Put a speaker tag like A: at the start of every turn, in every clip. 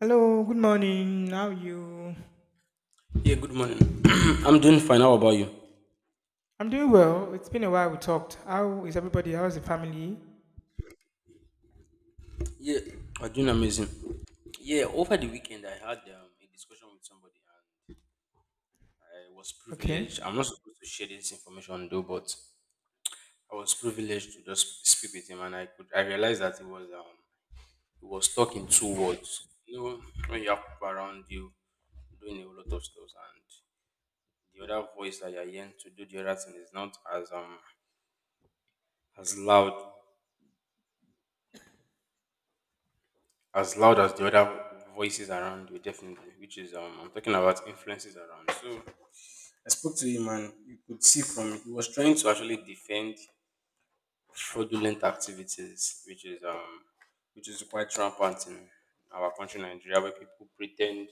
A: Hello, good morning. How are you?
B: Yeah, good morning. I'm doing fine. How about you?
A: I'm doing well. It's been a while we talked. How is everybody? How's the family?
B: Yeah, I'm doing amazing. Yeah. Over the weekend, I had a discussion with somebody, and I was
A: Okay.
B: privileged. I'm not supposed to share this information though, but I was privileged to just speak with him, and I could. I realized that he was talking two words. You know, when you have people around you doing a whole lot of stuff, and the other voice that you're hearing to do the other thing is not as as loud as loud as the other voices around you, definitely. Which is I'm talking about influences around. So I spoke to him, and you could see from he was trying to actually defend fraudulent activities, which is quite rampant in our country, Nigeria, where people pretend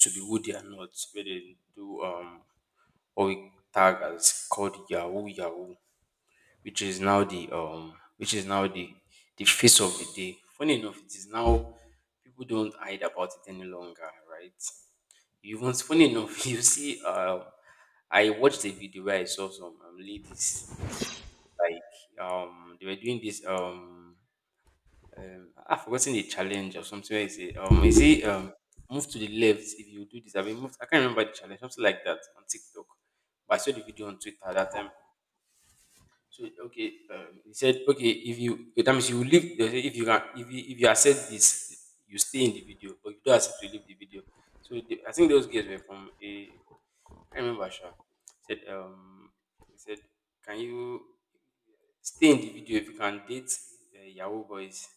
B: to be who they are not, where they do what we tag as called Yahoo Yahoo, which is now the face of the day. Funny enough, it is now people don't hide about it any longer, right? Even funny enough, you see, I watched a video where I saw some ladies like they were doing this. I've forgotten the challenge or something. Where is it? Is it, move to the left if you do this? I mean, move. I can't remember the challenge, something like that on TikTok. But I saw the video on Twitter that time. So okay, he said okay if you okay, that means you leave they say if you can if you accept this you stay in the video but you don't accept to leave the video. So I think those guys were from a, I remember Sha said, he said, can you stay in the video if you can date Yahoo boys,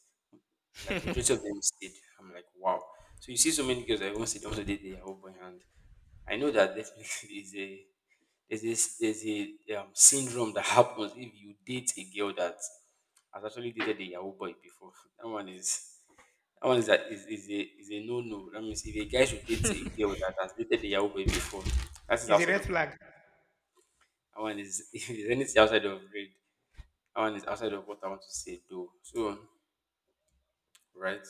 B: like majority of them stayed. I'm like, wow. So you see so many girls that even sit down to their whole boy and I know that definitely is a, there's a syndrome that happens if you date a girl that has actually dated a Yahoo boy before. That one is that one is that is a no no. That means if a guy should date a girl that has dated a Yahoo boy before, that is
A: It's a
B: outside
A: red
B: of the,
A: flag.
B: that one is if there's anything outside of red, that one is outside of what I want to say though. So right.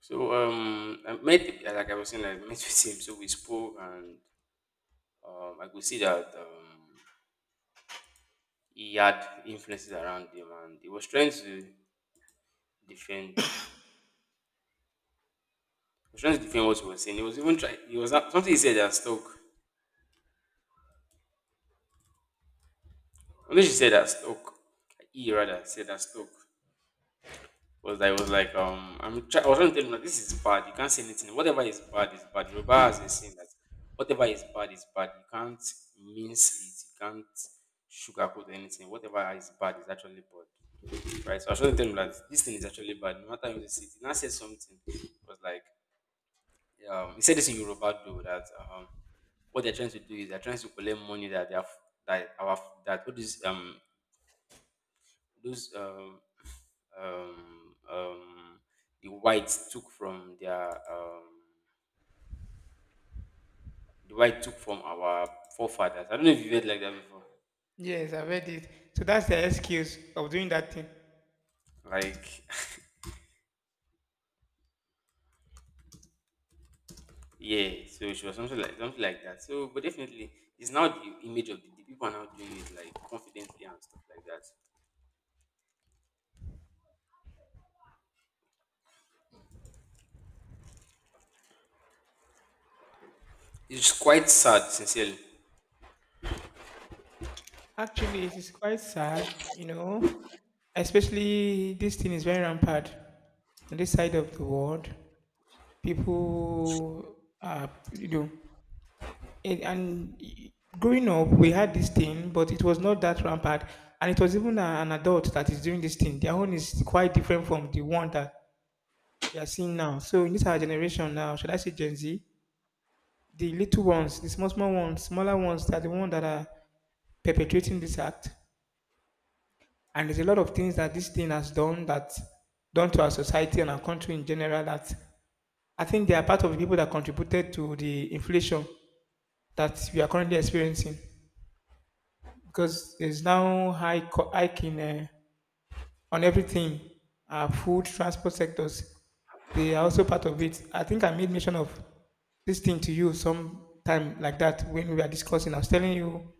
B: So I met, like I was saying, I met with him. So we spoke, and I could see that he had influences around him, and he was trying to defend. He was trying to defend what he was saying. He was even trying. He was not- Something he said that stuck. Something she said that stuck. He rather said that stuck. Was I was like, I was trying to tell him that this is bad. You can't say anything. Whatever is bad is bad. Yoruba has a saying that whatever is bad is bad. You can't mince it. You can't sugarcoat anything. Whatever is bad is actually bad. Right. So I was trying to tell him that this thing is actually bad. No matter how you say it, he now said something. It was like, he said this in Yoruba though that um, what they're trying to do is they're trying to collect money that they have that our that what is, those um, um, the whites took from the white took from our forefathers. I don't know if you've heard like that before.
A: Yes, I've heard it. So that's the excuse of doing that thing.
B: Like yeah, so she was something like that. So but definitely it's now the image of the people are now doing it like confidently and stuff like that. It's quite sad, sincerely.
A: Actually, it is quite sad, Especially this thing is very rampant on this side of the world. People are, you know, it, and growing up we had this thing but it was not that rampant, and it was even a, an adult that is doing this thing. Their own is quite different from the one that we are seeing now. So in this our generation now, should I say Gen Z, the little ones, the small small ones, smaller ones, they are the ones that are perpetrating this act. And there's a lot of things that this thing has done that done to our society and our country in general, that I think they are part of the people that contributed to the inflation that we are currently experiencing, because there's now high hiking on everything, food, transport sectors. They are also part of it. I think I made mention of this thing to you some time like that when we were discussing. I was telling you,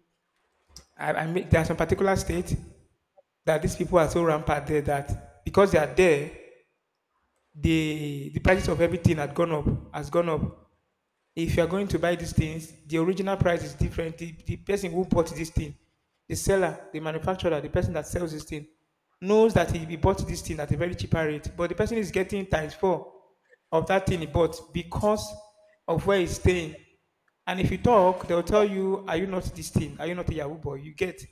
A: I made, there are some particular states that these people are so rampant there, that because they are there, the prices of everything had gone up, has gone up. If you are going to buy these things, the original price is different. The person who bought this thing, the seller, the manufacturer, the person that sells this thing, knows that he bought this thing at a very cheaper rate, but the person is getting times four of that thing he bought because of where he's staying. And if you talk, they'll tell you, "Are you not this thing? Are you not a Yahoo boy?" You get,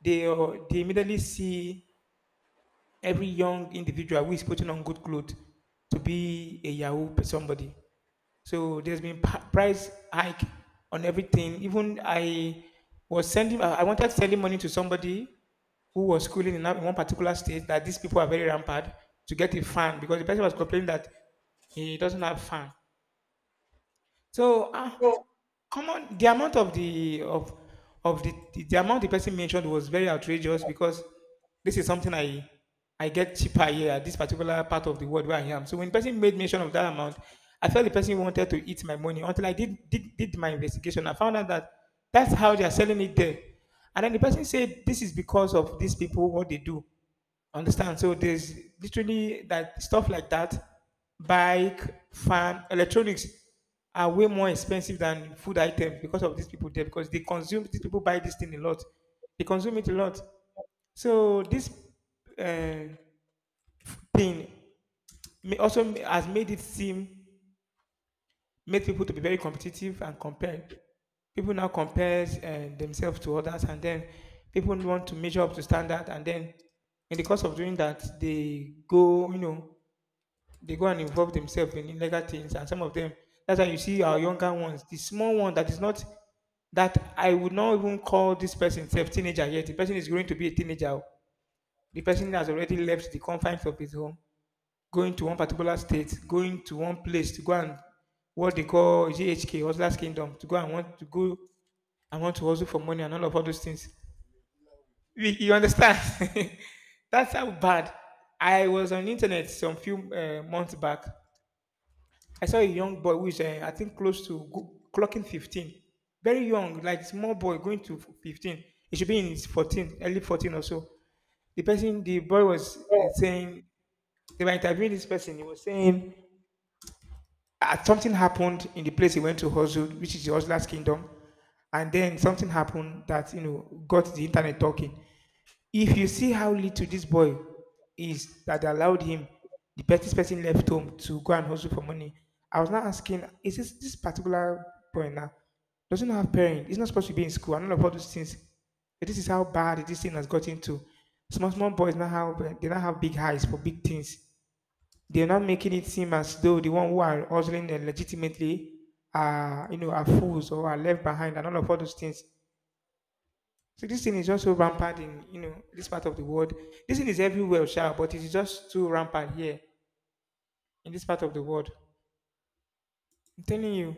A: they immediately see every young individual who is putting on good clothes to be a Yahoo somebody. So there's been price hike on everything. Even I was sending, I wanted to send money to somebody who was schooling in in one particular state that these people are very rampant, to get a fan, because the person was complaining that he doesn't have fan. So, ah, common the amount of the amount the person mentioned was very outrageous, because this is something I get cheaper here at this particular part of the world where I am. So when the person made mention of that amount, I felt the person wanted to eat my money until I did my investigation. I found out that that's how they are selling it there. And then the person said this is because of these people what they do. Understand? So there's literally that stuff like that, bike, fan, electronics are way more expensive than food items because of these people there, because they consume, these people buy this thing a lot. They consume it a lot. So this uh, thing may also has made it seem, made people to be very competitive and compare. People now compare themselves to others, and then people want to measure up to standard, and then in the course of doing that, they go, they go and involve themselves in illegal things. And some of them, that's why you see our younger ones, the small one that is not, that I would not even call this person self teenager yet, the person is going to be a teenager o. The person has already left the confines of his home, going to one particular state, going to one place to go and what they call GHK hustlers kingdom, to go and want to go and want to hustle for money and all of all those things. You understand that's how bad. I was on internet some few months back. I saw a young boy who is, I think, close to clocking 15. Very young, like small boy going to 15. He should be in his 14, early 14 or so. The person, the boy was saying, they were interviewing this person. He was saying, something happened in the place he went to hustle, which is the hustler's kingdom. And then something happened that, you know, got the internet talking. If you see how little this boy is that allowed him, the pettiest person left home to go and hustle for money. I was now asking, is this this particular boy now doesn't have parents? He's not supposed to be in school and all of all those things. But this is how bad this thing has got into. Small small boys now have they now have big eyes for big things. They're not making it seem as though the one who are hustling legitimately are, you know, are fools or are left behind and all of all those things. So this thing is just so rampant in, you know, this part of the world. This thing is everywhere, sure, but it is just too rampant here in this part of the world. I'm telling you,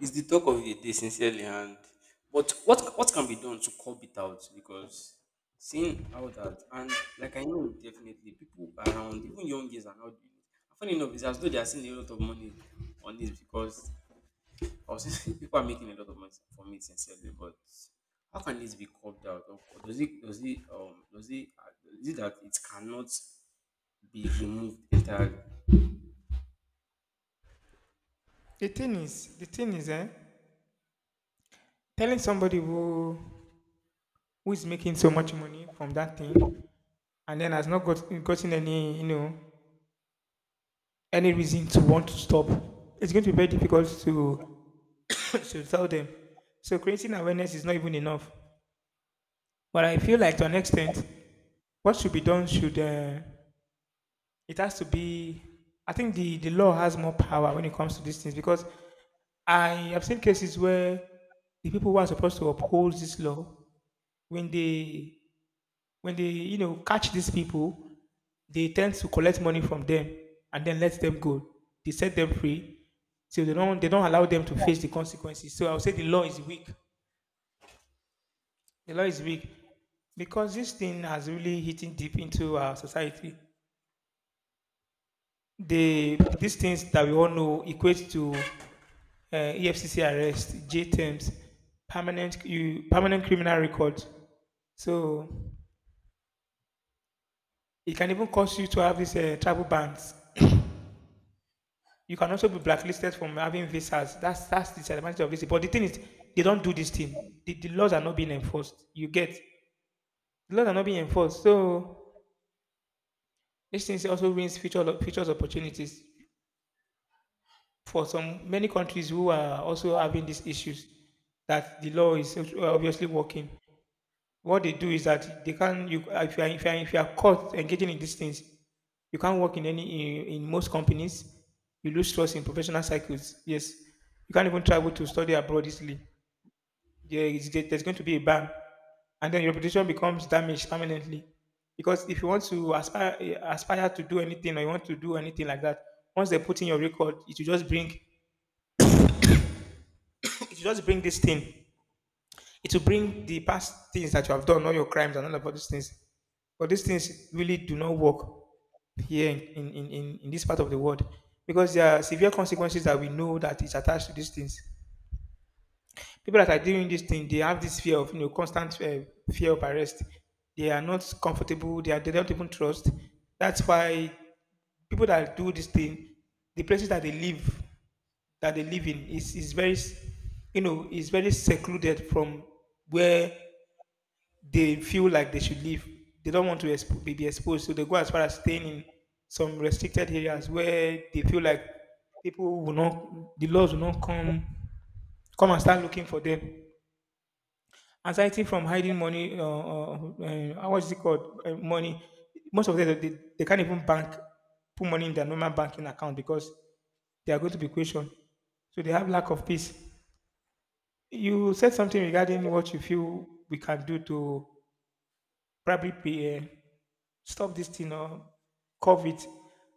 B: It's the talk of the day, sincerely. And but what can be done to curb it out? Because seeing how that, and like I know definitely people around even young girls are not doing it. And funny enough, it's as though they are seeing a lot of money on this because I was people are making a lot of money from it sincerely. But how can this be curbed out? Does it, is it that it cannot be removed entirely?
A: the thing is, eh, telling somebody who is making so much money from that thing and then has not got, gotten any, you know, any reason to want to stop, it's going to be very difficult to to tell them. So creating awareness is not even enough. But I feel like to an extent, what should be done should. It has to be. I think the law has more power when it comes to these things, because I have seen cases where the people who are supposed to uphold this law, when they when they you know catch these people, they tend to collect money from them and then let them go. They set them free, so they don't allow them to face the consequences. So I would say the law is weak. The law is weak because this thing has really hitting deep into our society. These things that we all know equate to EFCC arrest, J terms, permanent criminal record. So it can even cause you to have these travel bans. You can also be blacklisted from having visas. That's the disadvantage of this. But the thing is, they don't do this thing. The laws are not being enforced. You get, the laws are not being enforced. So this thing also ruins future opportunities for some many countries who are also having these issues. That the law is obviously working. What they do is that they can you if you are caught engaging in these things, you can't work in any in most companies. You lose trust in professional circles. Yes, you can't even travel to study abroad easily. There's going to be a ban, and then your reputation becomes damaged permanently. Because if you want to aspire to do anything or you want to do anything like that, once they put in your record, it will just bring it will just bring this thing It will bring the past things that you have done, all your crimes and all of these things. But these things really do not work here in this part of the world, because there are severe consequences that we know that is attached to these things. People that are doing this thing, they have this fear of, you know, constant fear of arrest. They are not comfortable. They don't even trust. That's why people that do this thing, the places that they live in is very, you know, is very secluded from where they feel like they should leave. They don't want to be exposed, so they go as far as staying in some restricted areas where they feel like people will not, the laws will not come, come and start looking for them. Anxiety from hiding money, what's it called? Money. Most of them, they can't even bank, put money in their normal banking account because they are going to be questioned. So they have lack of peace. You said something regarding what you feel we can do to probably be stop this thing or curb it.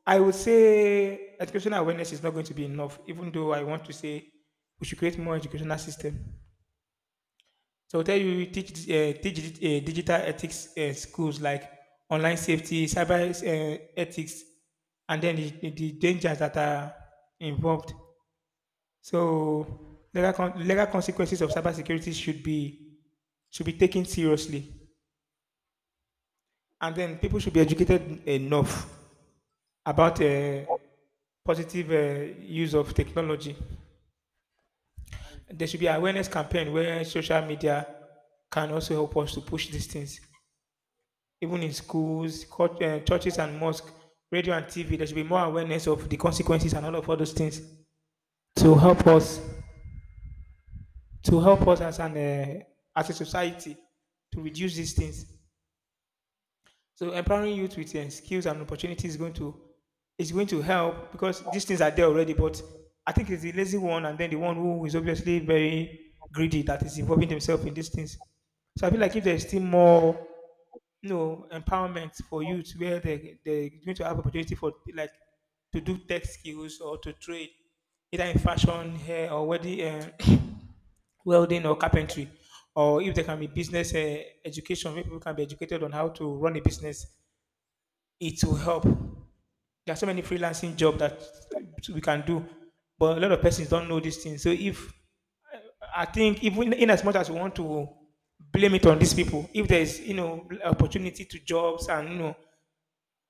A: I would say educational awareness is not going to be enough, even though I want to say we should create more educational system. So I will tell you teach teach digital ethics schools like online safety, cyber ethics, and then the dangers that are involved. So legal, legal consequences of cybersecurity should be taken seriously, and then people should be educated enough about positive use of technology. There should be awareness campaign where social media can also help us to push these things, even in schools, court, churches, and mosques, radio and TV. There should be more awareness of the consequences and all of all those things to help us to help us as an as a society to reduce these things. So empowering youth with skills and opportunities is going to help because these things are there already. But I think it's the lazy one and then the one who is obviously very greedy that is involving themselves in these things. So I feel like if there is still more, empowerment for youth where they're going to have opportunity for like to do tech skills or to trade, either in fashion, hair, or wedding, welding, or carpentry, or if there can be business education, where people can be educated on how to run a business it will help. There are so many freelancing jobs that we can do, but a lot of persons don't know these things. So if I think, even in as much as we want to blame it on these people, if there's you know opportunity to jobs and you know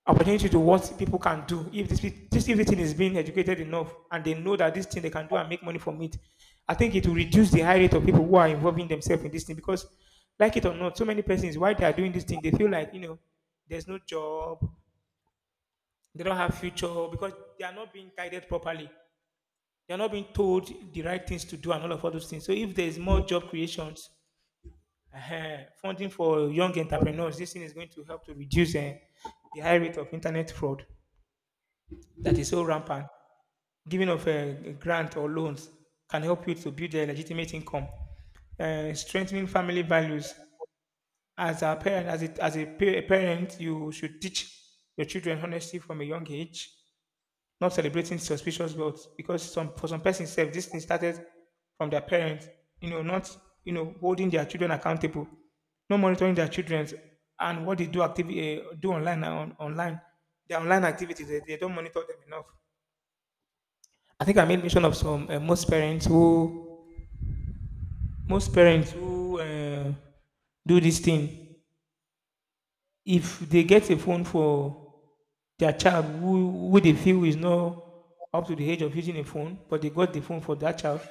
A: opportunity to what people can do, if this everything is being educated enough and they know that this thing they can do and make money from it, I think it will reduce the high rate of people who are involving themselves in this thing because, like it or not, so many persons why they are doing this thing they feel like you know there's no job they don't have future because they are not being guided properly. They are not being told the right things to do and all of all those things. So if there is more job creations, funding for young entrepreneurs, this thing is going to help to reduce the high rate of internet fraud that is so rampant. Giving of a grant or loans can help you to build a legitimate income. Strengthening family values as a parent, a parent, you should teach your children honesty from a young age. Not celebrating suspicious growth because some for some persons, self this thing started from their parents, you know, not you know holding their children accountable, not monitoring their children and what they do activity do online now on, online their online activities they don't monitor them enough. I think I made mention of some most parents who do this thing. If they get a phone for their child who they feel is not up to the age of using a phone but they got the phone for that child,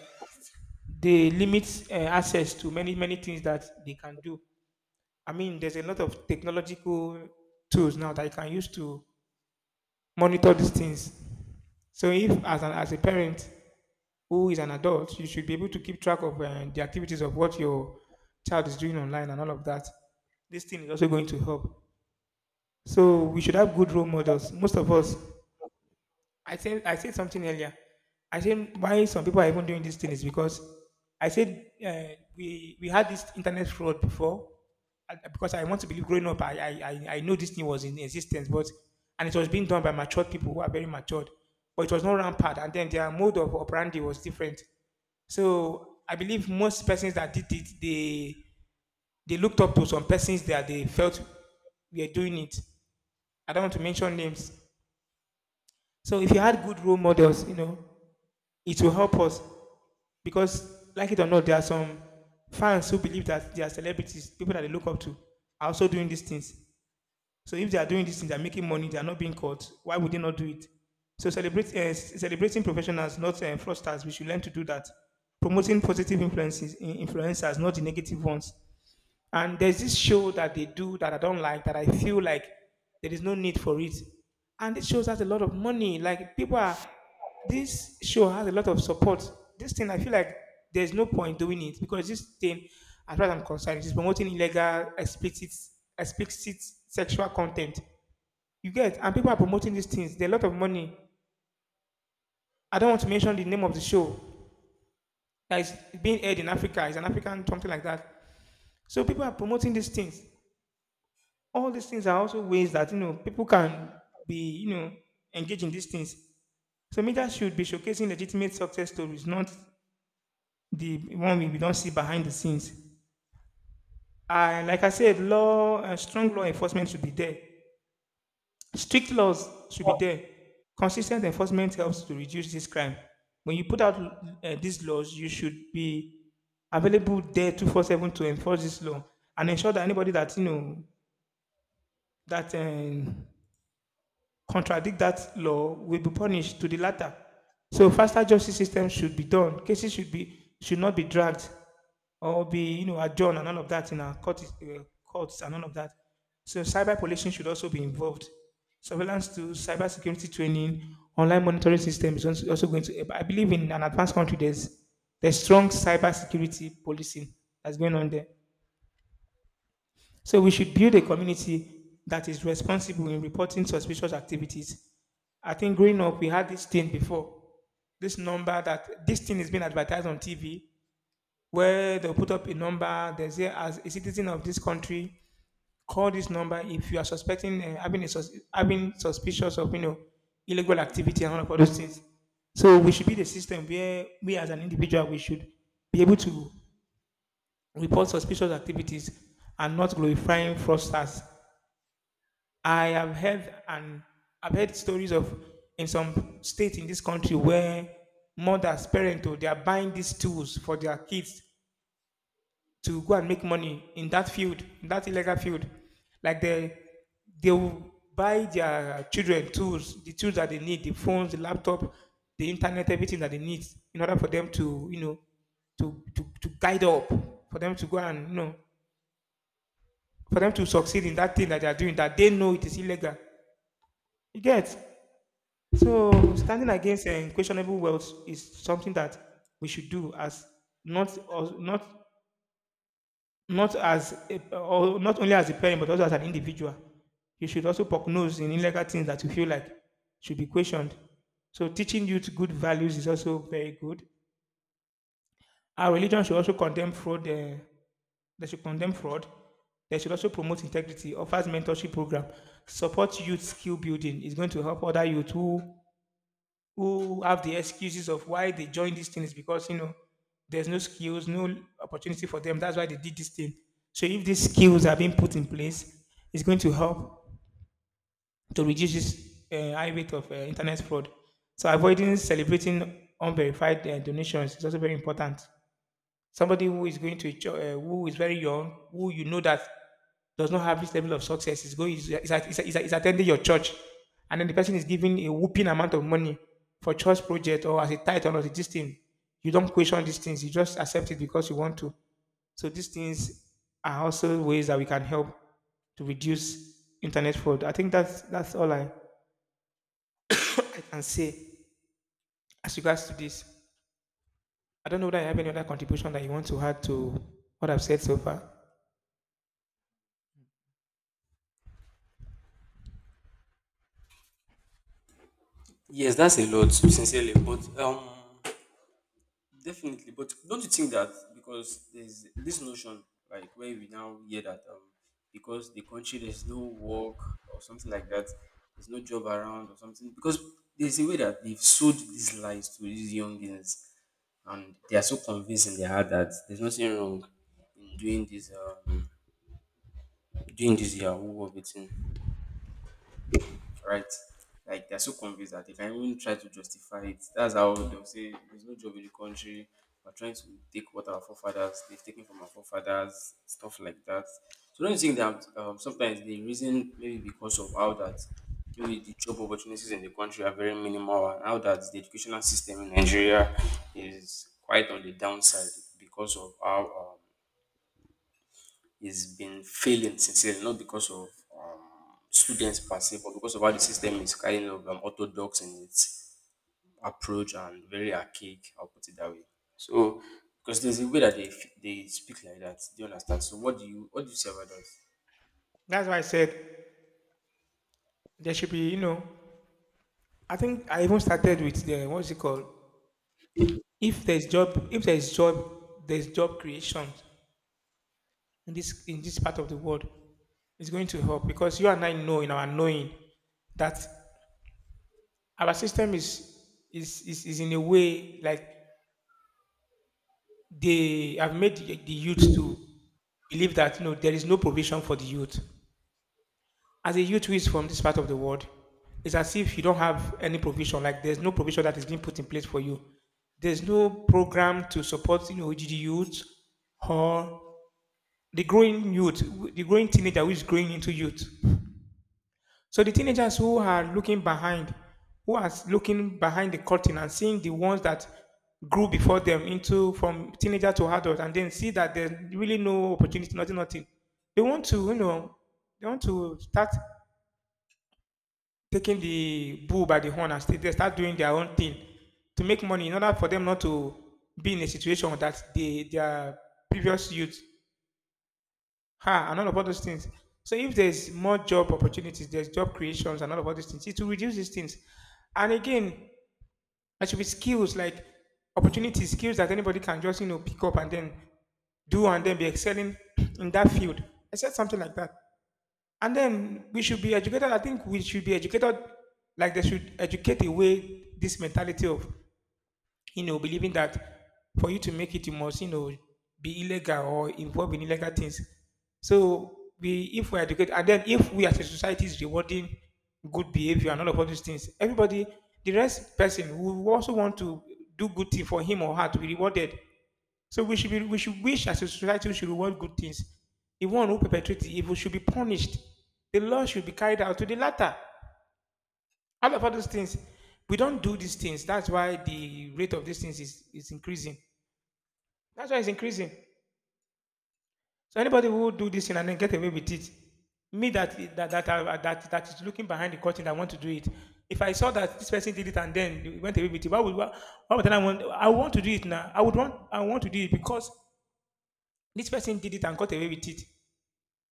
A: they limit access to many many things that they can do. I mean, there's a lot of technological tools now that you can use to monitor these things. So, if as a parent who is an adult, you should be able to keep track of the activities of what your child is doing online and all of that. This thing is also going to help. So, we should have good role models. Most of us, I said something earlier. I said why some people are even doing this thing is because I said we had this internet fraud before because I want to believe growing up I knew this thing was in existence, but and it was being done by matured people who are very matured, but it was not rampant and then their mode of operandi was different. So I believe most persons that did it, they looked up to some persons that they felt we are doing it. I don't want to mention names. So if you had good role models, you know, it will help us because, like it or not, there are some fans who believe that they are celebrities, people that they look up to, are also doing these things. So if they are doing these things, they are making money, they are not being caught. Why would they not do it? So celebrating professionals, not fraudsters. We should learn to do that. Promoting influencers, not the negative ones. And there's this show that they do that I don't like, that I feel like there is no need for it. And this show has a lot of money. Like people are this show has a lot of support. This thing I feel like there's no point doing it because this thing, as far as I'm concerned, it is promoting illegal explicit sexual content. You get, and people are promoting these things. There's a lot of money. I don't want to mention the name of the show that is being aired in Africa. It's an African something like that. So people are promoting these things. All these things are also ways that you know people can be you know engaged in these things. So media should be showcasing legitimate success stories, not the one we don't see behind the scenes. And like I said, law strong law enforcement should be there. Strict laws should be there. Consistent enforcement helps to reduce this crime. When you put out these laws, you should be available there 24/7 to enforce this law and ensure that anybody that you know that contradict that law will be punished to the latter. So faster justice system should be done. Cases should not be dragged or be you know adjourned and all of that in our courts and all of that. So cyber policing should also be involved. Surveillance to cyber security training, online monitoring system is also going to. I believe in an advanced country there's strong cyber security policing that's going on there. So we should build a community that is responsible in reporting suspicious activities. I think growing up, we had this thing before. This number that this thing is being advertised on TV, where they'll put up a number. They say, as a citizen of this country, call this number if you are suspecting having suspicious of you know illegal activity and all of all those things. So we should be the system where we as an individual we should be able to report suspicious activities and not glorifying fraudsters. I have heard, and I've heard stories of in some states in this country where mothers, parents, oh, they are buying these tools for their kids to go and make money in that field, in that illegal field. Like they will buy their children tools, the tools that they need, the phones, the laptop, the internet, everything that they need in order for them to, you know, to guide up, for them to go and you know, for them to succeed in that thing that they are doing that they know it is illegal. You get. So standing against questionable wealth is something that we should do as not or not not as a, or not only as a parent but also as an individual. You should also poke nose in illegal things that you feel like should be questioned. So teaching youth good values is also very good. Our religion should also condemn fraud. They should condemn fraud. They should also promote integrity, offers mentorship program, support youth skill building. It's going to help other youth who have the excuses of why they join these things because you know there's no skills, no opportunity for them. That's why they did this thing. So if these skills are being put in place, it's going to help to reduce this high rate of internet fraud. So avoiding celebrating unverified donations is also very important. Somebody who is going to a church, who is very young, who you know that does not have this level of success, is going, is attending your church, and then the person is giving a whooping amount of money for church project or as a tithe or this thing. You don't question these things; you just accept it because you want to. So these things are also ways that we can help to reduce internet fraud. I think that's all I can say as regards to this. I don't know whether I have any other contribution that you want to add to what I've said so far.
B: Yes, that's a lot sincerely. But definitely, but don't you think that because there's this notion, like where we now hear that because the country there's no work or something like that, there's no job around or something, because there's a way that they've sold these lies to these youngins, and they are so convinced in their heart that there's nothing wrong in doing this, doing this Yahoo of it, right? Like they're so convinced that they can even try to justify it. That's how they'll say there's no job in the country. We're trying to take what our forefathers they've taken from our forefathers, stuff like that. So don't you think that sometimes the reason maybe because of how that, maybe the job opportunities in the country are very minimal and how that the educational system in Nigeria is quite on the downside because of how is been failing sincerely, not because of um, students per se, but because of how the system is kind of orthodox in its approach and very archaic. I'll put it that way. So, because there's a way that they speak like that, do you understand? So, what do you say about that?
A: That's why I said there should be, you know, I think I even started with the what's it called? If there's job, there's job creation in this part of the world, it's going to help because you and I know in our knowing that our system is in a way like they have made the youth to believe that you know there is no provision for the youth. As a youth who is from this part of the world, it's as if you don't have any provision. Like there's no provision that is being put in place for you. There's no program to support you know GD youth or the growing youth, the growing teenager who is growing into youth. So the teenagers who are looking behind, who are looking behind the curtain and seeing the ones that grew before them into from teenager to adult, and then see that there's really no opportunity, nothing, nothing. They want to, you know, they want to start taking the bull by the horn and still they start doing their own thing to make money in order for them not to be in a situation that they their previous youth had and all of all those things. So if there's more job opportunities, there's job creations and all of all these things, it will reduce these things. And again, there should be skills like opportunities, skills that anybody can just you know pick up and then do and then be excelling in that field. I said something like that. And then we should be educated. I think we should be educated, like they should educate away this mentality of, you know, believing that for you to make it, you must, you know, be illegal or involved in illegal things. So we, if we educate, and then if we as a society is rewarding good behavior and all of all these things, everybody, the rest person who also want to do good thing for him or her to be rewarded so we should be, we should wish as a society we should want good things. The one who perpetrates the evil should be punished. The law should be carried out to the latter. All of all those things, we don't do these things. That's why the rate of these things is increasing. That's why it's increasing. So anybody who do this thing and then get away with it, me that that is looking behind the curtain, I want to do it. If I saw that this person did it and then he went away with it, why would I want? I want to do it now. I want to do it because this person did it and got away with it.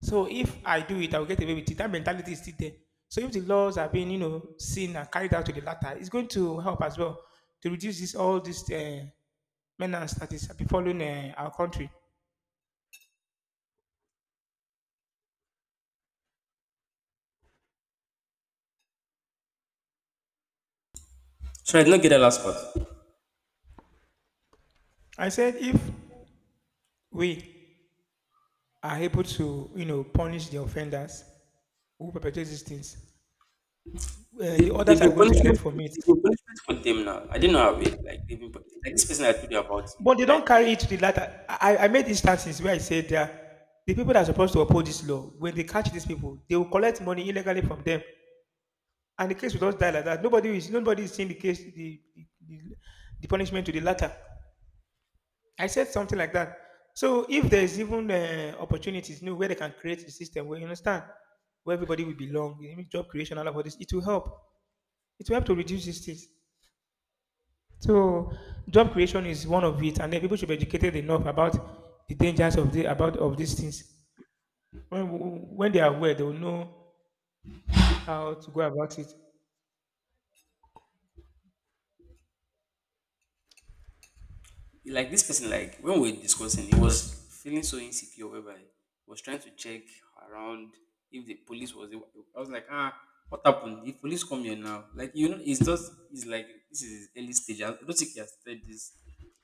A: So if I do it, I'll get away with it. That mentality is still there. So if the laws are being, you know, seen and carried out to the latter, it's going to help as well to reduce this all this menace that is befalling our country.
B: So I did not get the last part.
A: I said if we are able to, you know, punish the offenders who perpetrate these things, the
B: They've
A: others are
B: been
A: going to
B: punishment
A: learn
B: for
A: from it.
B: they've been punishment for them now. I didn't know how it, like they've like this person I told you about.
A: But they
B: Like
A: don't carry it to the latter. I made instances where I said that the people that are supposed to uphold this law, when they catch these people, they will collect money illegally from them. And the case will just die like that. Nobody is seeing the case the punishment to the latter. I said something like that. So if there is even opportunities new where they can create a system where you understand where everybody will belong, you know, job creation and all of this, it will help. It will help to reduce these things. So job creation is one of it, and then people should be educated enough about the dangers of the about of these things. When when they are aware, they will know how to go about it.
B: like this person, like when we were discussing, he was feeling so insecure whereby he was trying to check around if the police was I was like, ah, what happened if police come here now, like, you know, it's just, it's like this is early stage, I don't think he has started this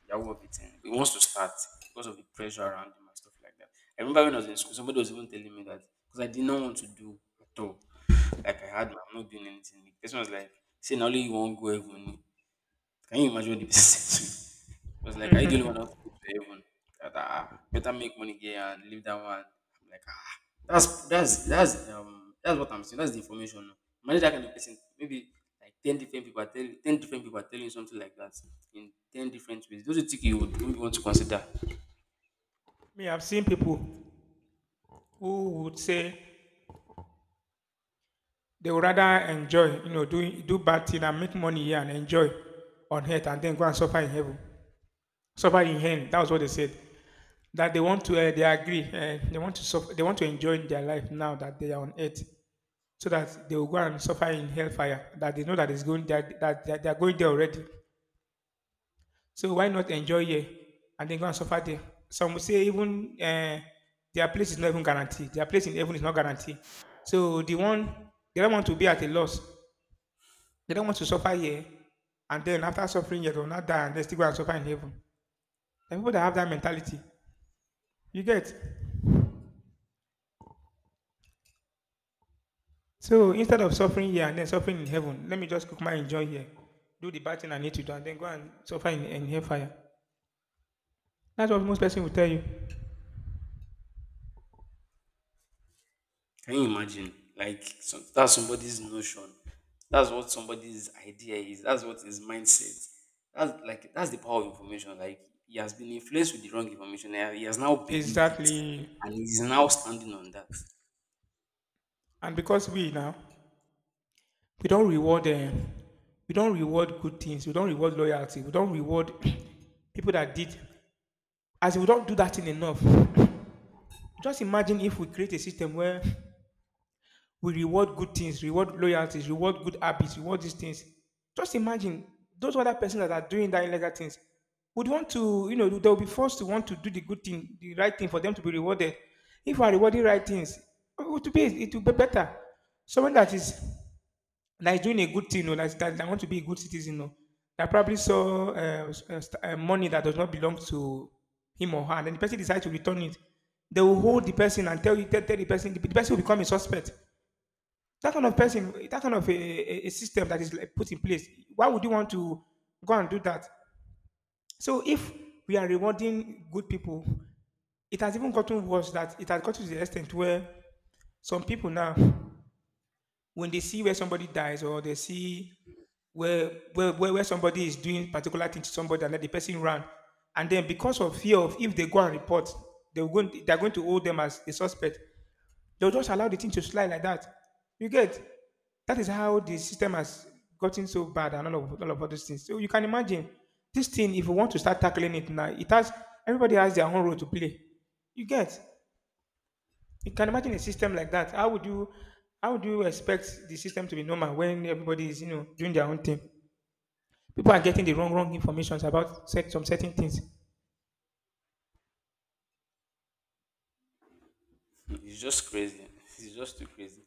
B: Yahoo of a thing he wants to start because of the pressure around him and stuff like that. I remember when I was in school, somebody was even telling me that, because I did not want to do at all, like I had, I'm not doing anything, the person was like, say now only you not go heaven, can you imagine what the person said to me? It was like, are you the only one that wants to go to heaven? That, ah, better make money here and leave that one. I'm like, ah, that's that's what I'm saying. That's the information now. Imagine that kind of person. Maybe like 10 different people are telling you something like that in 10 different ways. Those are things you would maybe want to consider.
A: Me, I've seen people who would say they would rather enjoy, you know, doing do bad thing and make money here and enjoy on earth and then go and suffer in heaven. Suffer in hell. That was what they said. That they want to, they agree, they want to suffer, they want to enjoy their life now that they are on earth, so that they will go and suffer in hellfire. That they know that is going that they are going there already. So why not enjoy here and then go and suffer there? Some will say even their place is not even guaranteed. Their place in heaven is not guaranteed. So the one they don't want to be at a loss. They don't want to suffer here, and then after suffering here, they will not die and they still go and suffer in heaven. There are people that have that mentality. You get? So instead of suffering here and then suffering in heaven, let me just cook my enjoy here, do the bad thing I need to do, and then go and suffer in hellfire. That's what most person will tell you.
B: Can you imagine? Like some, that's somebody's notion. That's what somebody's idea is. That's what his mindset. That's like that's the power of information. Like he has been influenced with the wrong information, and he has now believed it,
A: Exactly.
B: and he's now standing on that.
A: And because we now, we don't reward them. We don't reward good things. We don't reward loyalty. We don't reward people that did. As we don't do that thing enough. Just imagine if we create a system where we reward good things, reward loyalties, reward good habits, reward these things. Just imagine those other persons that are doing that illegal things would want to, you know, they'll be forced to want to do the good thing, the right thing for them to be rewarded. If we are rewarding right things, it will be better. Someone that is doing a good thing, you know, that want to be a good citizen, you know, that probably saw money that does not belong to him or her, and then the person decides to return it. They will hold the person and tell the person the person will become a suspect. That kind of person, that kind of a system that is like put in place, why would you want to go and do that? So if we are rewarding good people, it has even gotten worse that it has gotten to the extent where some people now, when they see where somebody dies or they see where where somebody is doing particular thing to somebody and let the person run, and then because of fear of if they go and report, they're going to hold them as a suspect. They'll just allow the thing to slide like that. You get that is how the system has gotten so bad and all of all of all those things. So you can imagine this thing, if you want to start tackling it now, it has everybody has their own role to play. You get you can imagine a system like that. How would you expect the system to be normal when everybody is, you know, doing their own thing? People are getting the wrong informations about set, some certain things.
B: It's just crazy. It's just too crazy.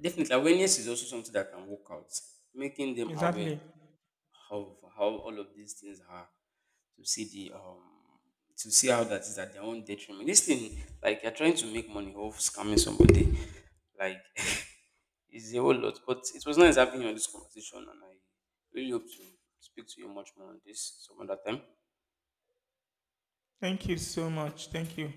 B: Definitely, awareness is also something that can work out, making them aware
A: Exactly.
B: of how all of these things are, to see the, to see how that is at their own detriment. This thing, like you're trying to make money off scamming somebody, like it's a whole lot. But it was nice having you on this conversation, and I really hope to speak to you much more on this some other time.
A: Thank you so much. Thank you.